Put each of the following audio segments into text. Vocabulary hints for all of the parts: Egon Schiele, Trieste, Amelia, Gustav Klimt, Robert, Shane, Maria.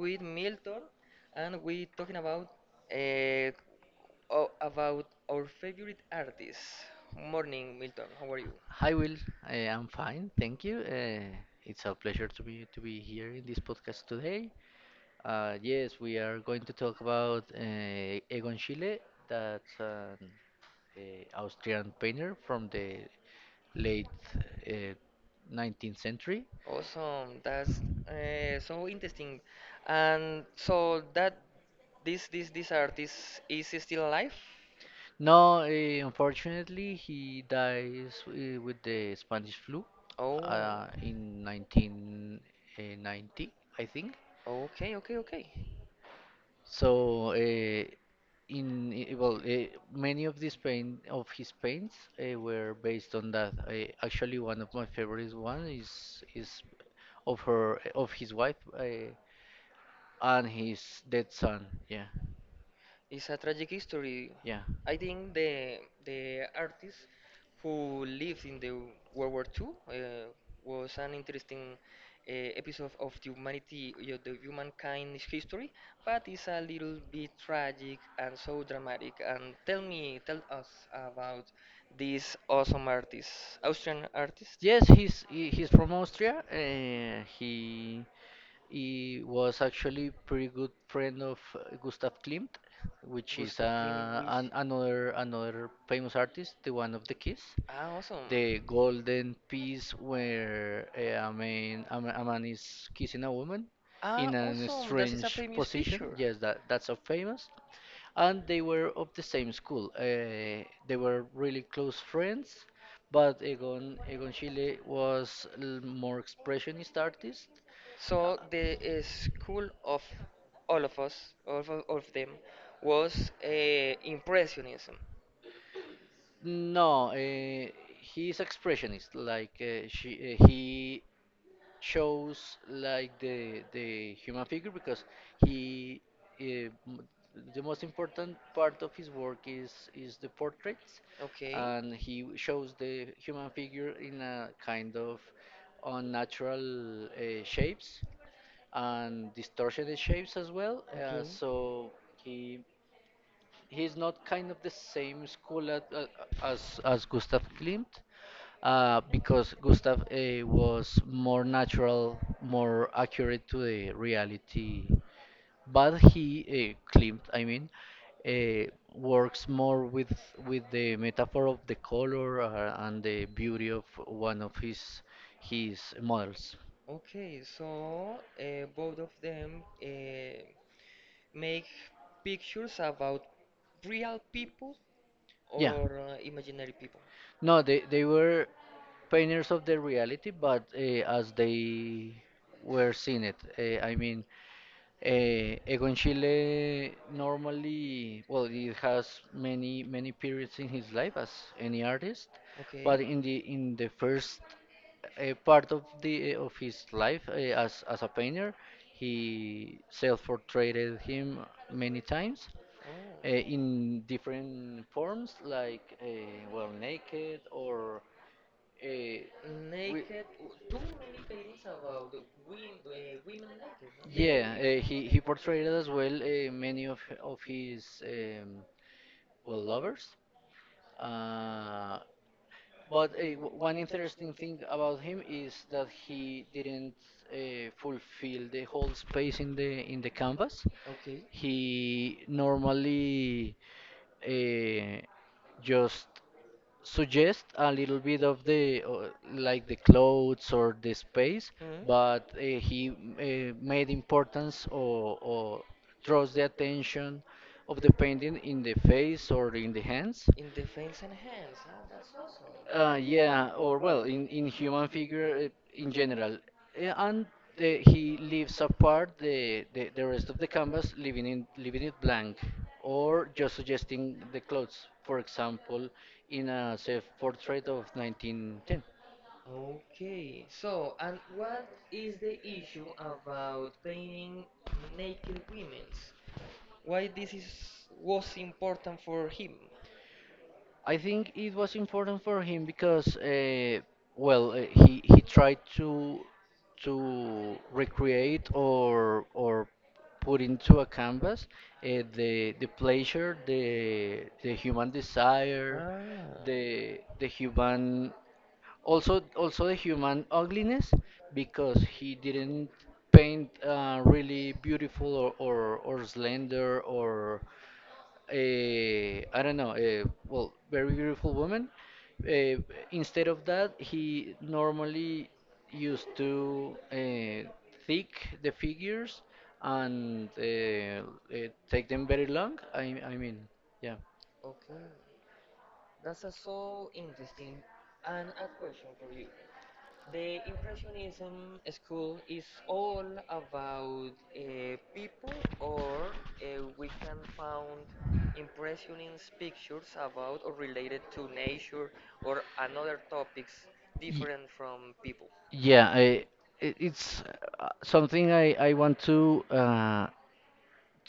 with Milton, and we're talking about uh, about our favorite artists. Morning, Milton. How are you? Hi Will, I am fine, thank you. It's a pleasure to be here in this podcast today. Yes, we are going to talk about Egon Schiele. That's an uh, Austrian painter from the late uh, 19th century. Awesome. That's so interesting. And so that this artist is still alive? No, unfortunately, he dies with the Spanish flu Oh, in 1990, I think. okay, okay, okay. So, many of these paint of his paints were based on that. Actually, one of my favorite one is of his wife and his dead son. Yeah, It's a tragic history. yeah. I think the artist who lived in the World War II was an interesting episode of the humanity, the humankind's history, but it's a little bit tragic and so dramatic. And tell me, tell us about this awesome artist, Austrian artist, Yes, he's from Austria. He was actually pretty good friend of Gustav Klimt, which is Gustav Klimt, which an, another another famous artist, the one of the Kiss, awesome. the golden piece where a man is kissing a woman in Ah, a awesome. This is a strange famous position. picture. Yes, that's so famous. And they were of the same school. They were really close friends, but Egon Schiele was more expressionist artist. So the school of all of us, all of them, was impressionism. No, he's expressionist. Like, he shows like the human figure because he uh, m- the most important part of his work is the portraits, Okay. and he shows the human figure in a kind of unnatural shapes and distortioned shapes as well. Uh, Okay. so he he's not kind of the same school at, as Gustav Klimt, because Gustav was more natural, more accurate to the reality. But he uh, Klimt, I mean, uh, works more with the metaphor of the color and the beauty of one of his models. Okay, so both of them make pictures about real people Yeah. or imaginary people. No, they were painters of the reality, but as they were seeing it. I mean, Egon Schiele normally, well, he has many many periods in his life as any artist, but Okay. in the first a part of of his life as a painter. He self-portrayed him many times Oh. In different forms, like, well, naked or uh, we, Too many paintings about women, women naked, no? Yeah. no? He portrayed as well many of his well lovers. Uh, but one interesting thing about him is that he didn't fulfill the whole space in the canvas. Okay. He normally uh, just suggest a little bit of the like the clothes or the space, Hmm? but he made importance, or draws the attention of the painting in the face or in the hands. In the face and hands. Ah, that's awesome. Yeah, or, well, in human figure in general. And he leaves apart the rest of the canvas, leaving it blank, or just suggesting the clothes. For example, in a self portrait of 1910. Okay, so and what is the issue about painting naked women? Why this is was important for him? I think it was important for him because, he tried to recreate or put into a canvas the pleasure, the human desire, Ah. the human, also the human ugliness, because he didn't paint really beautiful, or slender, or I don't know, well, very beautiful woman. Uh, Instead of that, he normally used to thick the figures and take them very long. I mean, yeah. Okay, that's a so interesting and a question for you. The Impressionism school is all about people, or we can find impressionist pictures about or related to nature or another topics Y- different from people. Yeah, it's something I want to uh,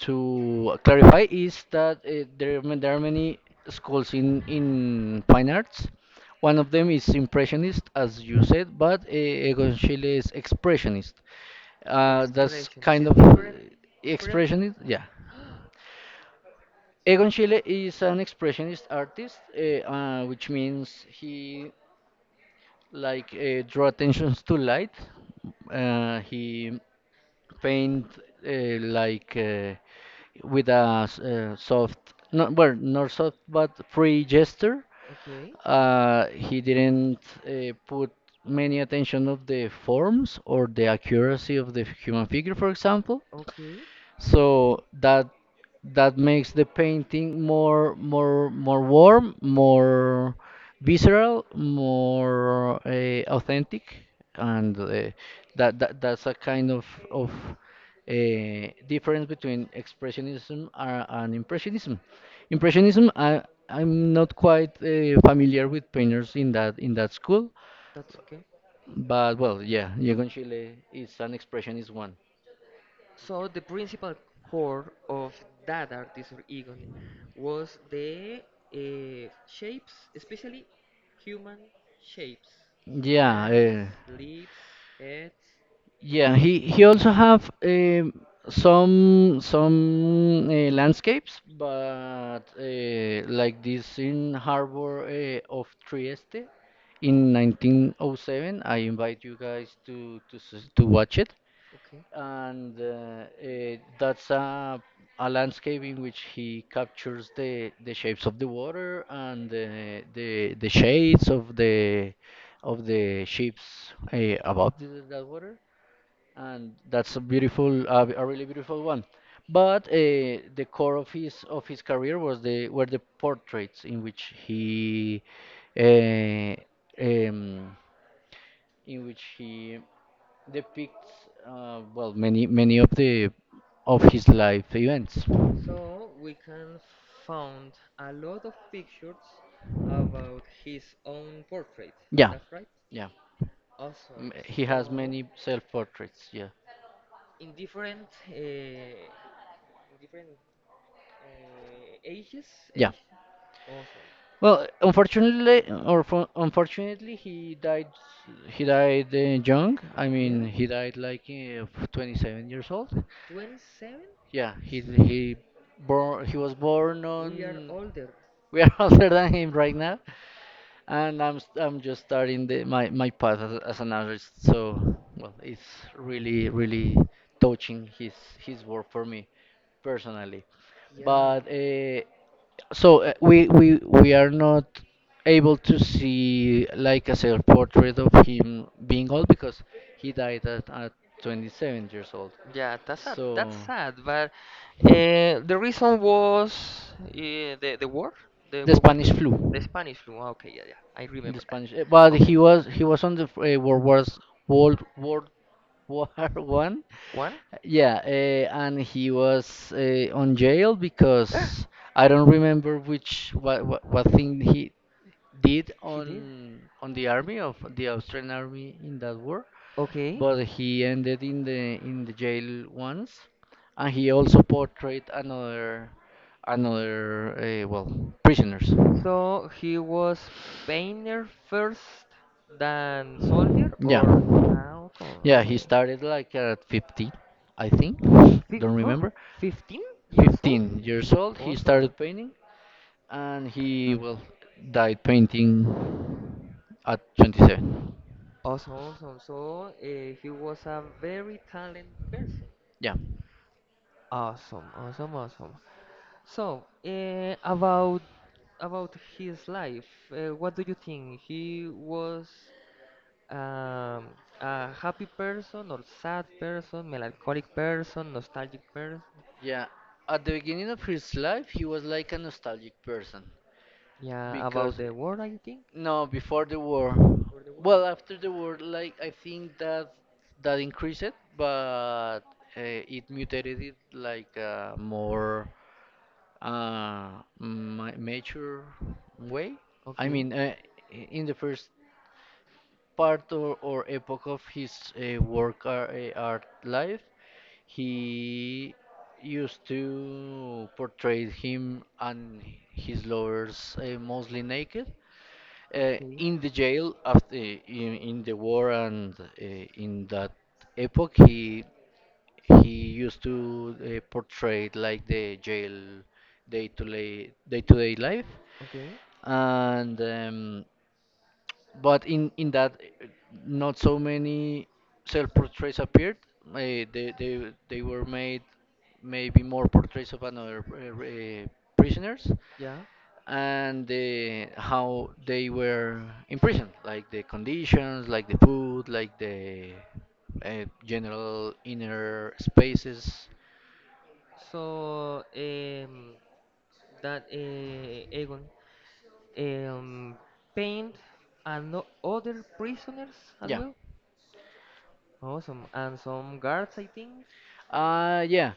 to clarify is that, there are many schools in fine arts. One of them is Impressionist, as you said, but Egon Schiele is Expressionist. That's Expressionist kind is of different. Different. Expressionist, yeah. Egon Schiele is an expressionist artist, which means he like draw attentions to light. He paint like, soft, not, well, not soft, but free gesture. Okay. He didn't put many attention of the forms or the accuracy of the human figure, for example. Okay. So that makes the painting more warm, more visceral, more authentic, and that's a kind of difference between expressionism and impressionism. Impressionism, I'm not quite familiar with painters in that school, That's okay. but, well, yeah, Diego Chile is an expressionist one. So the principal core of that artist or Egon was the uh, shapes, especially human shapes, Yeah, hands, eh, lips, heads. Yeah, he also have some landscapes, but like this in harbor of Trieste in 1907. I invite you guys to watch it, Okay, and that's a landscape in which he captures the shapes of the water and the shades of the ships above that water, and that's a beautiful, a really beautiful one. But the core of his career was the were the portraits, uh, um, in which he depicts well, many many of his life events. so we can found a lot of pictures about his own portrait. Yeah, That's right. yeah. Awesome. He has many self So portraits. Yeah, in different ages, yeah. age. Awesome. Well, unfortunately, unfortunately, he died. He died young. I Yeah. mean, he died like 27 years old. 27? Yeah, he born. He was born We are on. older. We are older than him right now, and I'm just starting my path as, an artist. So, well, it's really really touching his work for me personally. Yeah. But So we are not able to see like a self portrait of him being old because he died at 27 years old. Yeah, that's sad. That's So sad. But the reason was the war, the the war, Spanish flu, the Spanish flu. Ah, okay, yeah, yeah, I remember that but he was on the f- eh, World Wars World World War One, one. yeah, and he was on jail because I don't remember what thing he did He did. on the army of the Austrian army in that war, Okay, but he ended in the jail once, and he also portrayed another well, prisoners. so he was painter first than soldier, Yeah, or ah, yeah, okay, he okay. started like at 15, I think. Fif- Don't oh, remember. 15 years old? 15 years old, he started painting, and he, well, died painting at 27. Awesome, awesome. So he was a very talented person. Yeah. Awesome, awesome, awesome. So about his life, what do you think? He was um, a happy person or sad person, melancholic person, nostalgic person? Yeah, at the beginning of his life, he was like a nostalgic person Yeah, about because, the world, I think. no, before the war, For the well, world. after the war, like, I think that increased it, but it mutated it like a more ma mature way. I Okay, mean, in the first part or epoch of his art life, he used to portray him and his lovers mostly naked uh, okay, in the jail. After, in the war and in that epoch, he used to portray like the jail day to day life, okay. and but in that, uh, not so many self portraits appeared, they were made. Maybe more portraits of another prisoners, Yeah. and the how they were imprisoned, like the conditions, like the food, like the general inner spaces. So that Aegon um, paint and no- other prisoners as Yeah. well. Awesome, and some guards, I think. Yeah.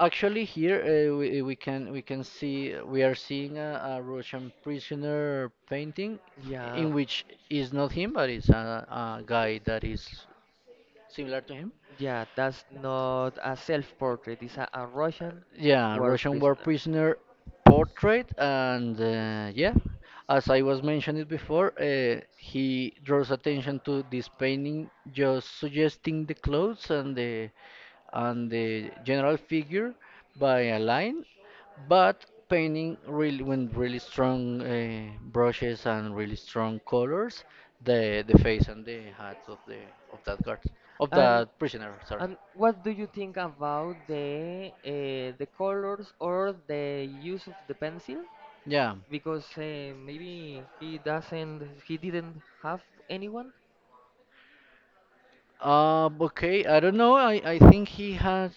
Actually, here we can see, we are seeing a Russian prisoner painting, Yeah, in which is not him, but it's a guy that is similar to him. yeah, that's not a self-portrait. It's a Russian Yeah, work. Russian war prisoner portrait. And yeah, as I was mentioning before, he draws attention to this painting just suggesting the clothes and the general figure by a line, but painting really, when really strong brushes and really strong colors, the face and the hat of that guard, of And that prisoner. Sorry. and what do you think about the colors or the use of the pencil? Yeah. Because maybe he doesn't, he didn't have anyone. Okay. I don't know. I think he has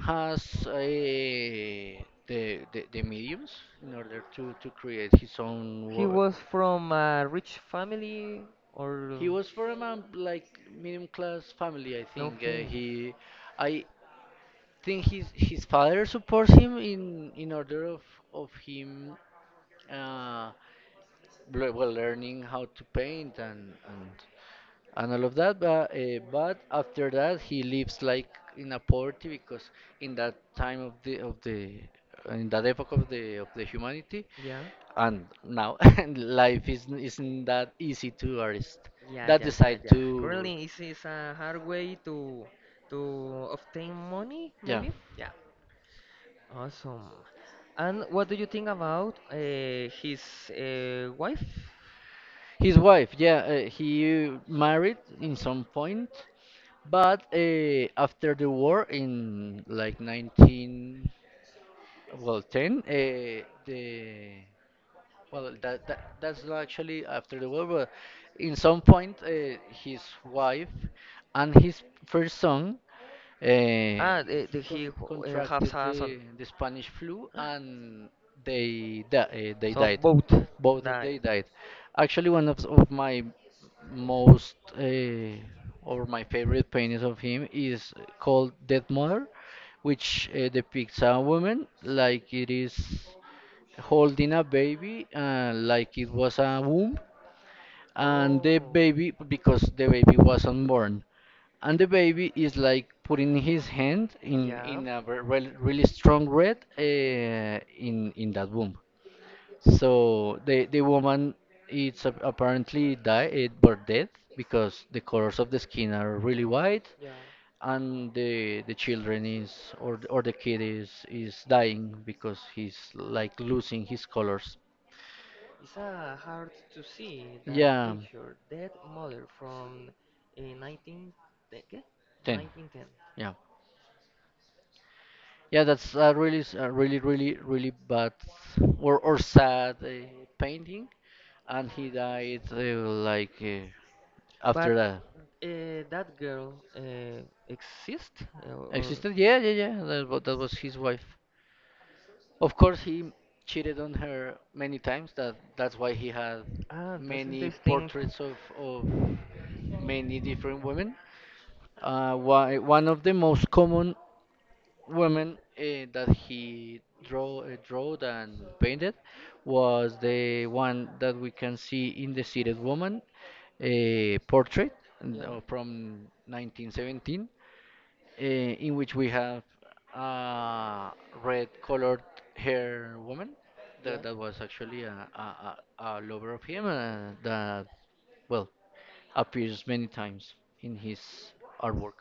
has the mediums in order to create his own He work. was from a rich family or He was from a, like, medium class family, I think. Okay. I think his father supports him in order of him, uh well, learning how to paint and all of that. But after that, he lives like in a poverty because in that time of the in that epoch of the humanity, Yeah. and now and life isn't that easy to artists Yeah, that yeah, yeah, decide yeah. to. Currently, it's is a hard way to obtain money, Yeah. maybe? Yeah. Awesome. And what do you think about his wife? His wife. Yeah. He married in some point. But After the war in, like, 19, well, 10, the well, that's not actually after the war, but in some point, his wife and his first son uh, Ah, he has contracted a son. the Spanish flu, and they So died. both Both of they died. died. Actually, one of my most or my favorite paintings of him is called Dead Mother, which depicts a woman, like it is holding a baby, like it was a womb, and Oh, the baby, because the baby was unborn, and the baby is like putting his hand in a really strong red, uh, yeah. in in that womb, so the woman it's apparently died it birth dead because the colors of the skin are really white Yeah, and the children is, or the kid is dying because he's like losing his colors. it's hard to see that. Yeah, Yeah, picture. That model from uh, 19, te- ¿qué? ten 10. 1910. Yeah. Yeah, that's a really a really, really, really bad or sad, painting, and he died, like, But after after that. that. That girl exists or Existed, yeah, yeah, yeah. That was his wife. Of course, he cheated on her many times. That's why he had ah, that's many interesting. portraits of many different women. One of the most common women, that he draw drew and painted, was the one that we can see in the seated woman, a portrait, and, Yeah, from 1917, in which we have a red colored hair woman yeah. that was actually a lover of him, that, well, appears many times in his artwork.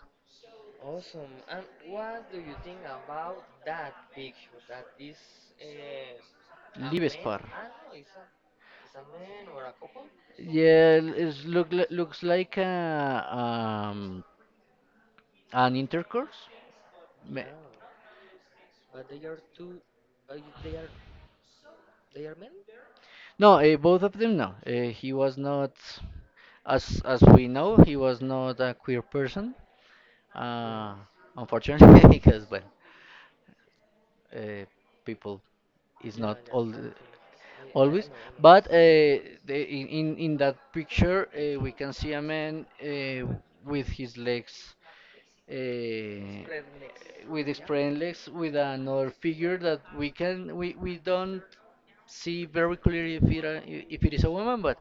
Awesome. And what do you think about that picture? That is uh, a live man squad. Livespar. Ah, no, it's a man or a couple? Yeah, looks like an intercourse. Yeah. Ma- But they are two. Uh, they are they are men. No, both of them. No, he was not, as we know, he was not a queer person. Uh, Unfortunately, because, well, uh, people. I It's not all think I always, know I but in that picture, we can see a man, with his legs. Uh, spread next with his spread legs, with another figure that we don't see very clearly if it is a woman, but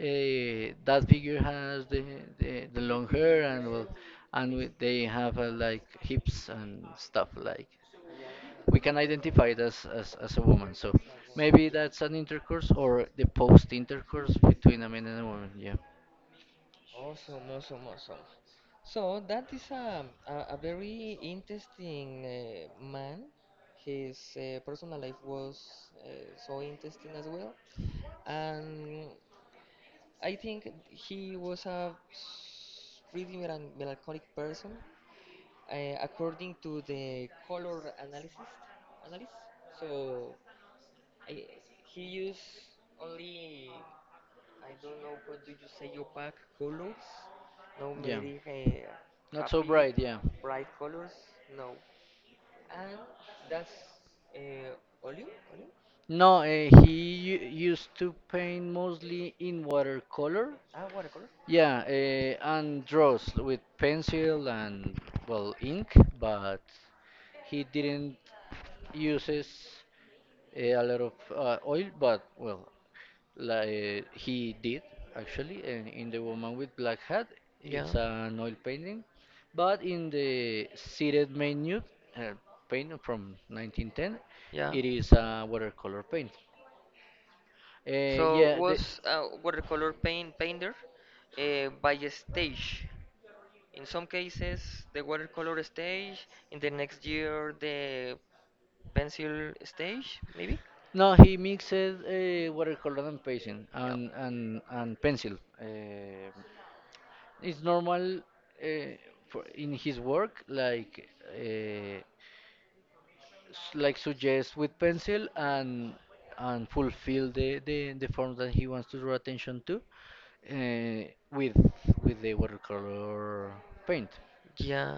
that figure has the long hair, and, well, finger. They have, like, hips and stuff, like Yeah. we can identify it as a woman. So maybe that's an intercourse or the post intercourse between a man and a woman. Yeah. Awesome, awesome, awesome. So that is a very interesting man. His personal life was so interesting as well, and I think he was a pretty melancholic person, uh, according to the color analysis. Analysis. So I, he used only I don't know how do you say opaque colors. No, Yeah. very Not so happy, bright. Yeah. bright colors. No, and that's uh, oleum. No, he used to paint mostly in watercolor. Ah, watercolor. Yeah, and draws with pencil and, well, ink, but he didn't uses, a lot of oil. But, well, like he did actually, and in the woman with black hat Yeah, it's an oil painting, but in the seated main nude, uh, painting from 1910, yeah. it is a watercolor paint, So yeah, was a watercolor paint painter by a stage. In some cases, the watercolor stage. In the next year, the pencil stage, maybe. no, he mixes, watercolor and painting Yeah. and pencil. uh, it's normal, for in his work, like, uh, like, suggest with pencil and fulfill the form that he wants to draw attention to, uh, with with the watercolor paint. and Yeah,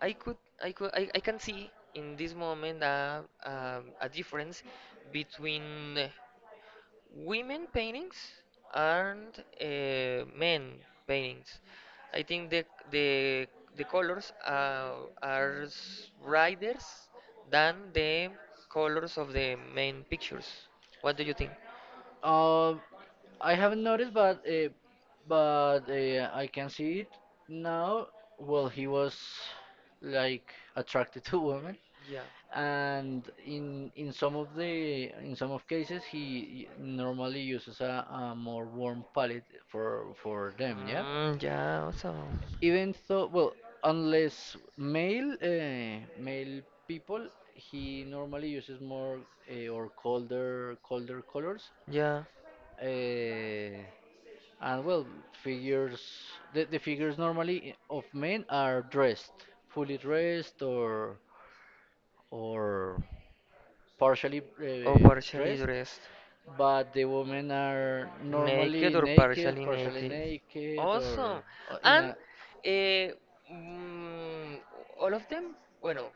I could, I can see in this moment a difference between women paintings and men paintings. I think the the colors are brighter than the colors of the main pictures. What do you think? Uh, I haven't noticed, but I can see it now. Well, he was like attracted to women, Yeah. and in some of cases he normally uses a more warm palette for them, yeah. Mm, yeah, also. Even so, well, unless male, people, he normally uses more, or colder colors, Yeah. uh, and, well, figures, the figures normally of men are dressed, fully dressed, or partially, Or partially dressed dressed, dressed. but the women are Naked normally or naked, partially partially naked. Naked, Awesome. or in And a, yeah mm, all of them, bueno,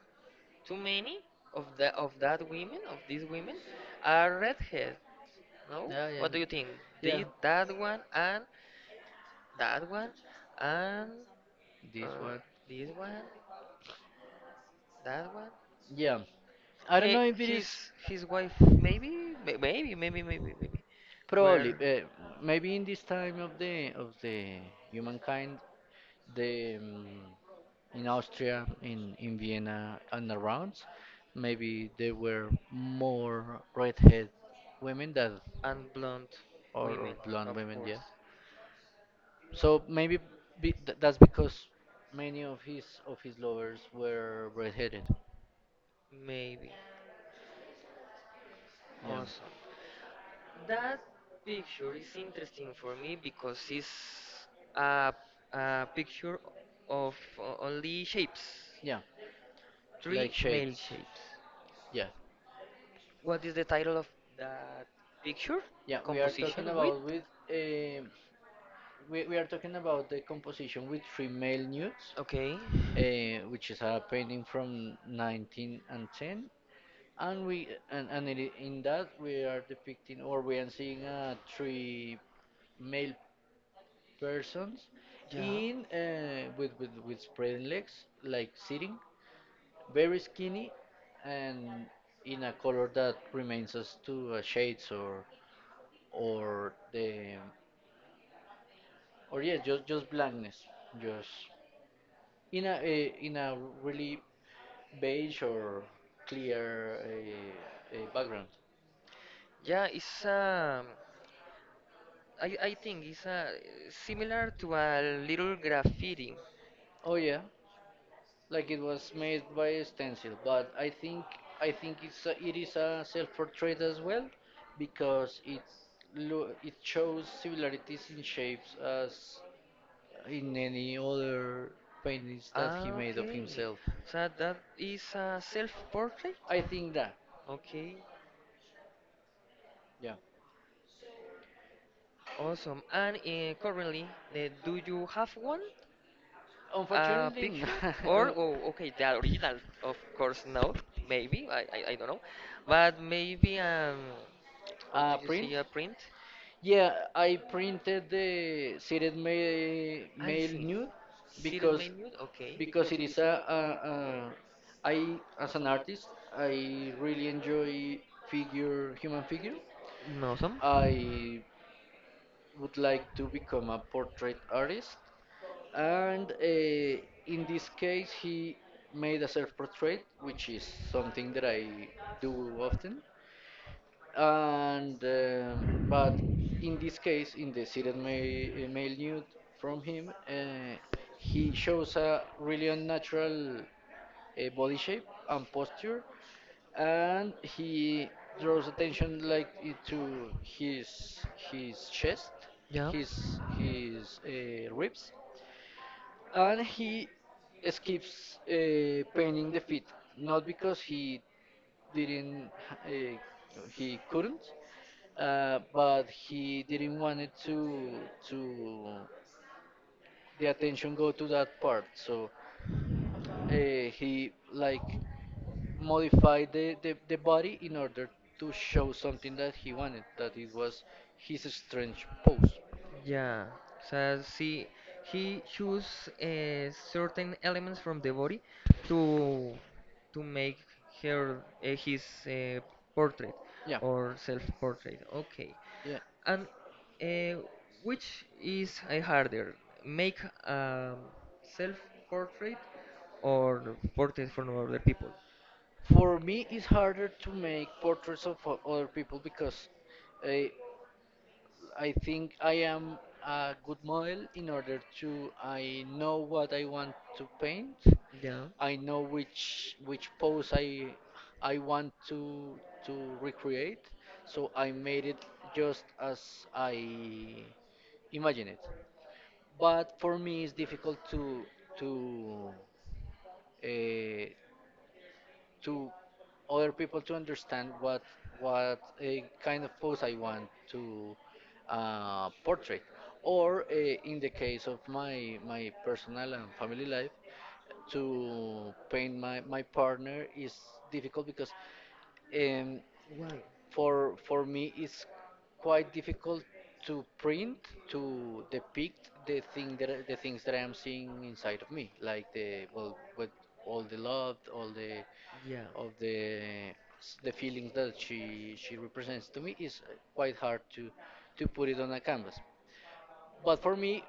too many of the of that women, of these women, are redhead. No? yeah, yeah, What do you yeah think? Yeah, yeah, did that one and uh, this one. this one, that one. Yeah, I don't He, know if it is his wife maybe may- maybe maybe maybe maybe probably, were maybe in this time of the humankind, the in Austria, in Vienna and around, maybe there were more redhead women that and blonde or, or women blonde of women, yeah. course So maybe be, th that's because many of his lovers were redheaded. maybe Yeah, awesome. That picture is interesting for me because it's a, a picture of only shapes, yeah, like three male shades. shapes. Yeah, What is the title of that picture? yeah. We are talking Composition with about with. um we are talking about the composition with three male nudes, okay. Which is a painting from 1910, and ten, and we and it, in that we are depicting, or we are seeing, three male persons Yeah. in with spreading legs, like sitting, very skinny, and in a color that remains us to, shades, or the or yeah, just blackness, just. In a really beige or clear, background. Yeah, it's I I think it's similar to a little graffiti. Oh yeah, like it was made by a stencil, but I think it is a self-portrait as well because it shows similarities in shapes as in any other paintings that he Ah, made of okay. himself. So that is a self-portrait. I think that, Okay, yeah. awesome. And currently, the, do you have one? A Unfortunately, picture or oh okay the original of course no maybe I don't know, but maybe how do a you print. see a print. Yeah, I printed the seated I mail see new seated because menu okay because it is a I, as an artist, I really enjoy figure human figure. awesome I would like to become a portrait artist, and, in this case he made a self portrait, which is something that I do often, and, but in this case, in the seated male nude from him, he shows a really unnatural, body shape and posture, and he draws attention, like, to his chest, yeah. his his ribs, and he skips, painting the feet, not because he didn't, uh, he couldn't, but he didn't want it to the attention go to that part. So, uh, he, like, modified the body in order to show something that he wanted, that it was his strange pose. Yeah, so see, he choose certain elements from the body to to make her his portrait Yeah. or self-portrait. Okay, Yeah. and uh, which is harder, make a self-portrait or portrait from other people? For me, it's harder to make portraits of other people because I, I think I am a good model, in order to I know what I want to paint. Yeah, I know which pose I want to recreate. So I made it just as I imagine it. But for me, it's difficult to uh, to other people to understand what a kind of pose I want to, portray, or, in the case of my personal and family life, to paint my partner is difficult because, um, why? for me it's quite difficult to print to depict the things that I'm seeing inside of me, like the, well, with all the love, all the Yeah. of the feelings that she represents to me is, quite hard to put it on a canvas. But for me,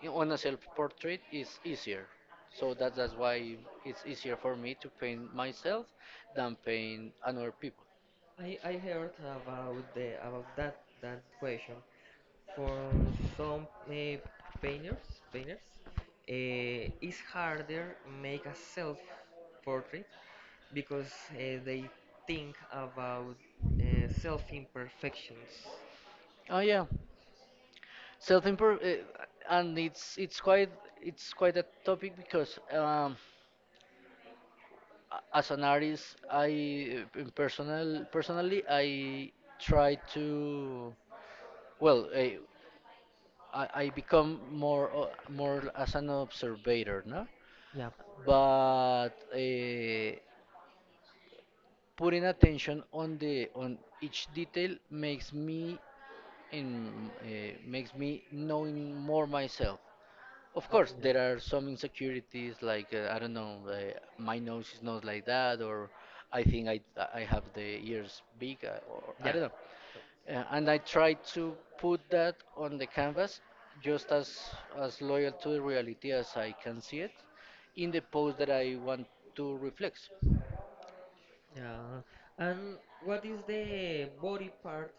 on a self-portrait is easier. So that's why it's easier for me to paint myself than paint another people. I heard about the about that question. For some painters, painters, uh, it's harder make a self-portrait because they think about uh, self-imperfections. Oh yeah, self improve, and it's quite a topic because, as an artist, I in personally I try to, well I become more as an observator, no? Yeah, of But, putting attention on each detail makes me knowing more myself. Of course, course, yeah, there there are are some things insecurities, like like, I I don't don't know, know, mine my nose is not like like that that, or. or I think I have the ears big, or I Yeah. don't know. And I try to put that on the canvas just as loyal to the reality as I can see it in the pose that I want to reflect. Yeah. And what is the body part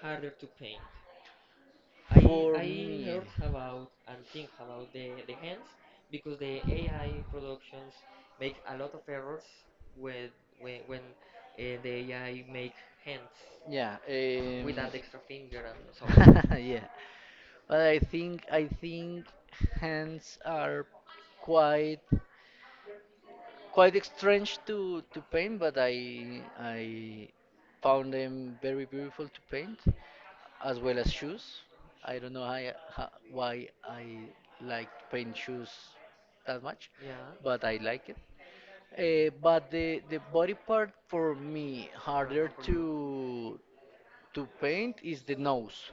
harder to paint? For I me, heard yeah, about and think about the hands because the AI productions make a lot of errors with when the AI make hands without that extra finger and so on. yeah. But I think hands are quite quite strange to paint, but I found them very beautiful to paint, as well as shoes. I don't know why I like to paint shoes that much, Yeah. but I like it. But the body part for me harder Uh-huh, for you. to paint is the nose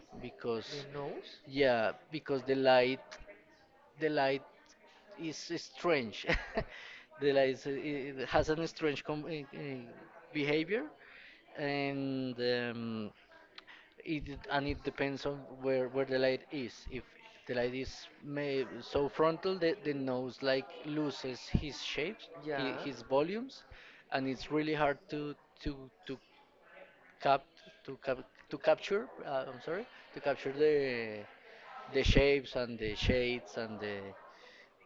The because, nose? yeah, because the light is strange. The light it has an strange behavior, and it and it depends on where the light is. If the light is so frontal, the nose, like, loses his shapes, his volumes, and it's really hard to to cap to cap to capture. I'm sorry, to capture the shapes and the shades and the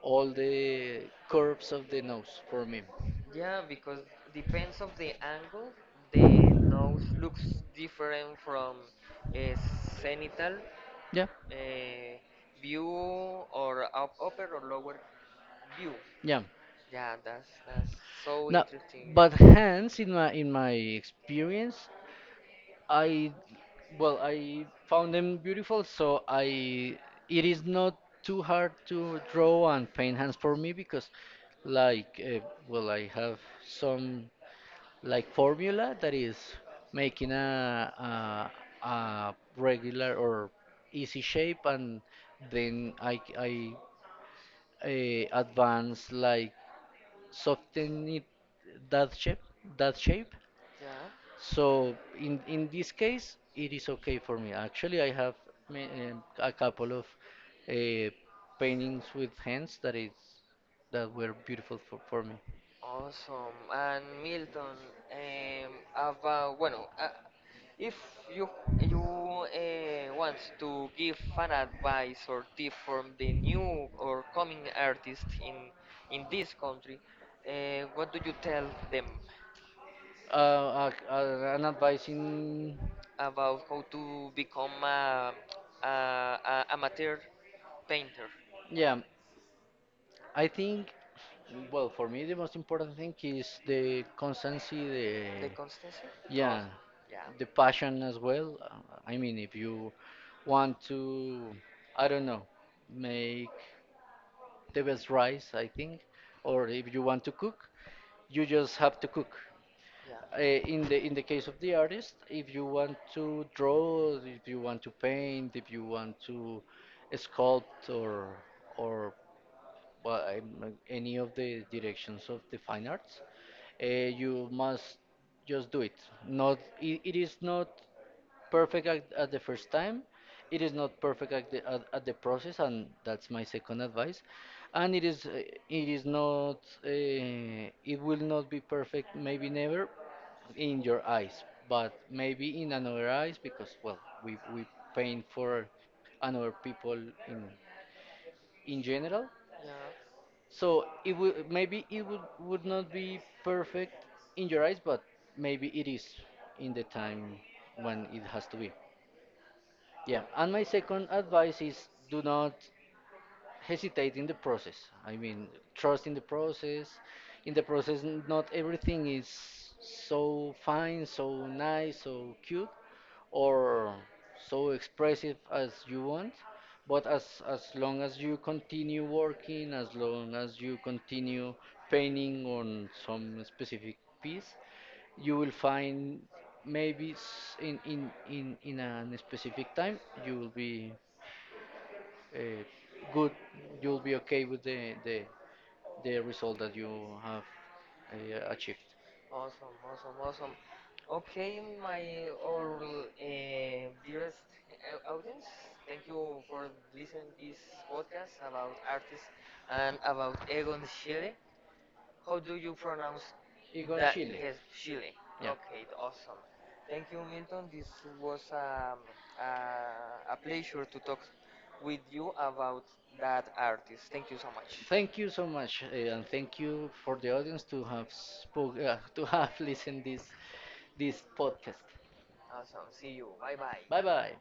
all the curves of the nose for me. Yeah, because depends of the angle, the nose looks different from a zenithal Yeah, uh, view or up, upper or lower view. yeah. Yeah, that's so Now, interesting. but hands in my experience, I I found them beautiful, so I it is not too hard to draw and paint hands for me because, like, well, I have some, like, formula that is making a regular or easy shape, and then I advanced, like, soften it that shape that shape, Yeah, so in this case it is okay for me. Actually, I have a couple of, uh, paintings with hands that were beautiful for, me. awesome. And Milton, about, bueno, if you you want to give fan advice or tip from the new or coming artist in this country, what do you tell them An advice, in about how to become a amateur painter? yeah, I think, well, for me, the most important thing is the constancy, the, The constancy? yeah, Awesome. Yeah. Passion as well. I mean, if you want to, I don't know, make the best rice, I think, or if you want to cook, you just have to cook. Yeah. In the case of the artist, if you want to draw, if you want to paint, if you want to sculpt, or well, any of the directions of the fine arts, you must just do it. Not it is not perfect at the first time. It is not perfect at the process, and that's my second advice. And it is, it is not, it will not be perfect, maybe never, in your eyes, but maybe in another eyes because, well, we paint for another people in in general, so it would, maybe, it would not be perfect in your eyes, but maybe it is in the time when it has to be. Yeah. Yeah. And my second advice is, do Yeah. not hesitate in the process. I mean, trust in the process. In the process, not everything is so fine, so nice, so cute, or so expressive as you want. But as long as you continue working, as long as you continue painting on some specific piece, you will find, maybe, in a specific time you will be, uh, good, you'll be okay with the result that you have, achieved. Awesome, awesome, awesome. Okay, my or dearest audience, thank you for listening to this podcast about artists and about Egon Schiele. How do you pronounce Igon that? Chile, His Schiele. yeah. Yep. Okay, awesome. Thank you, Milton. This was a pleasure to talk with you about that artist. Thank you so much. Thank you so much, and thank you for the audience to have to have listened this podcast. Awesome. See you. Bye Bye bye. bye.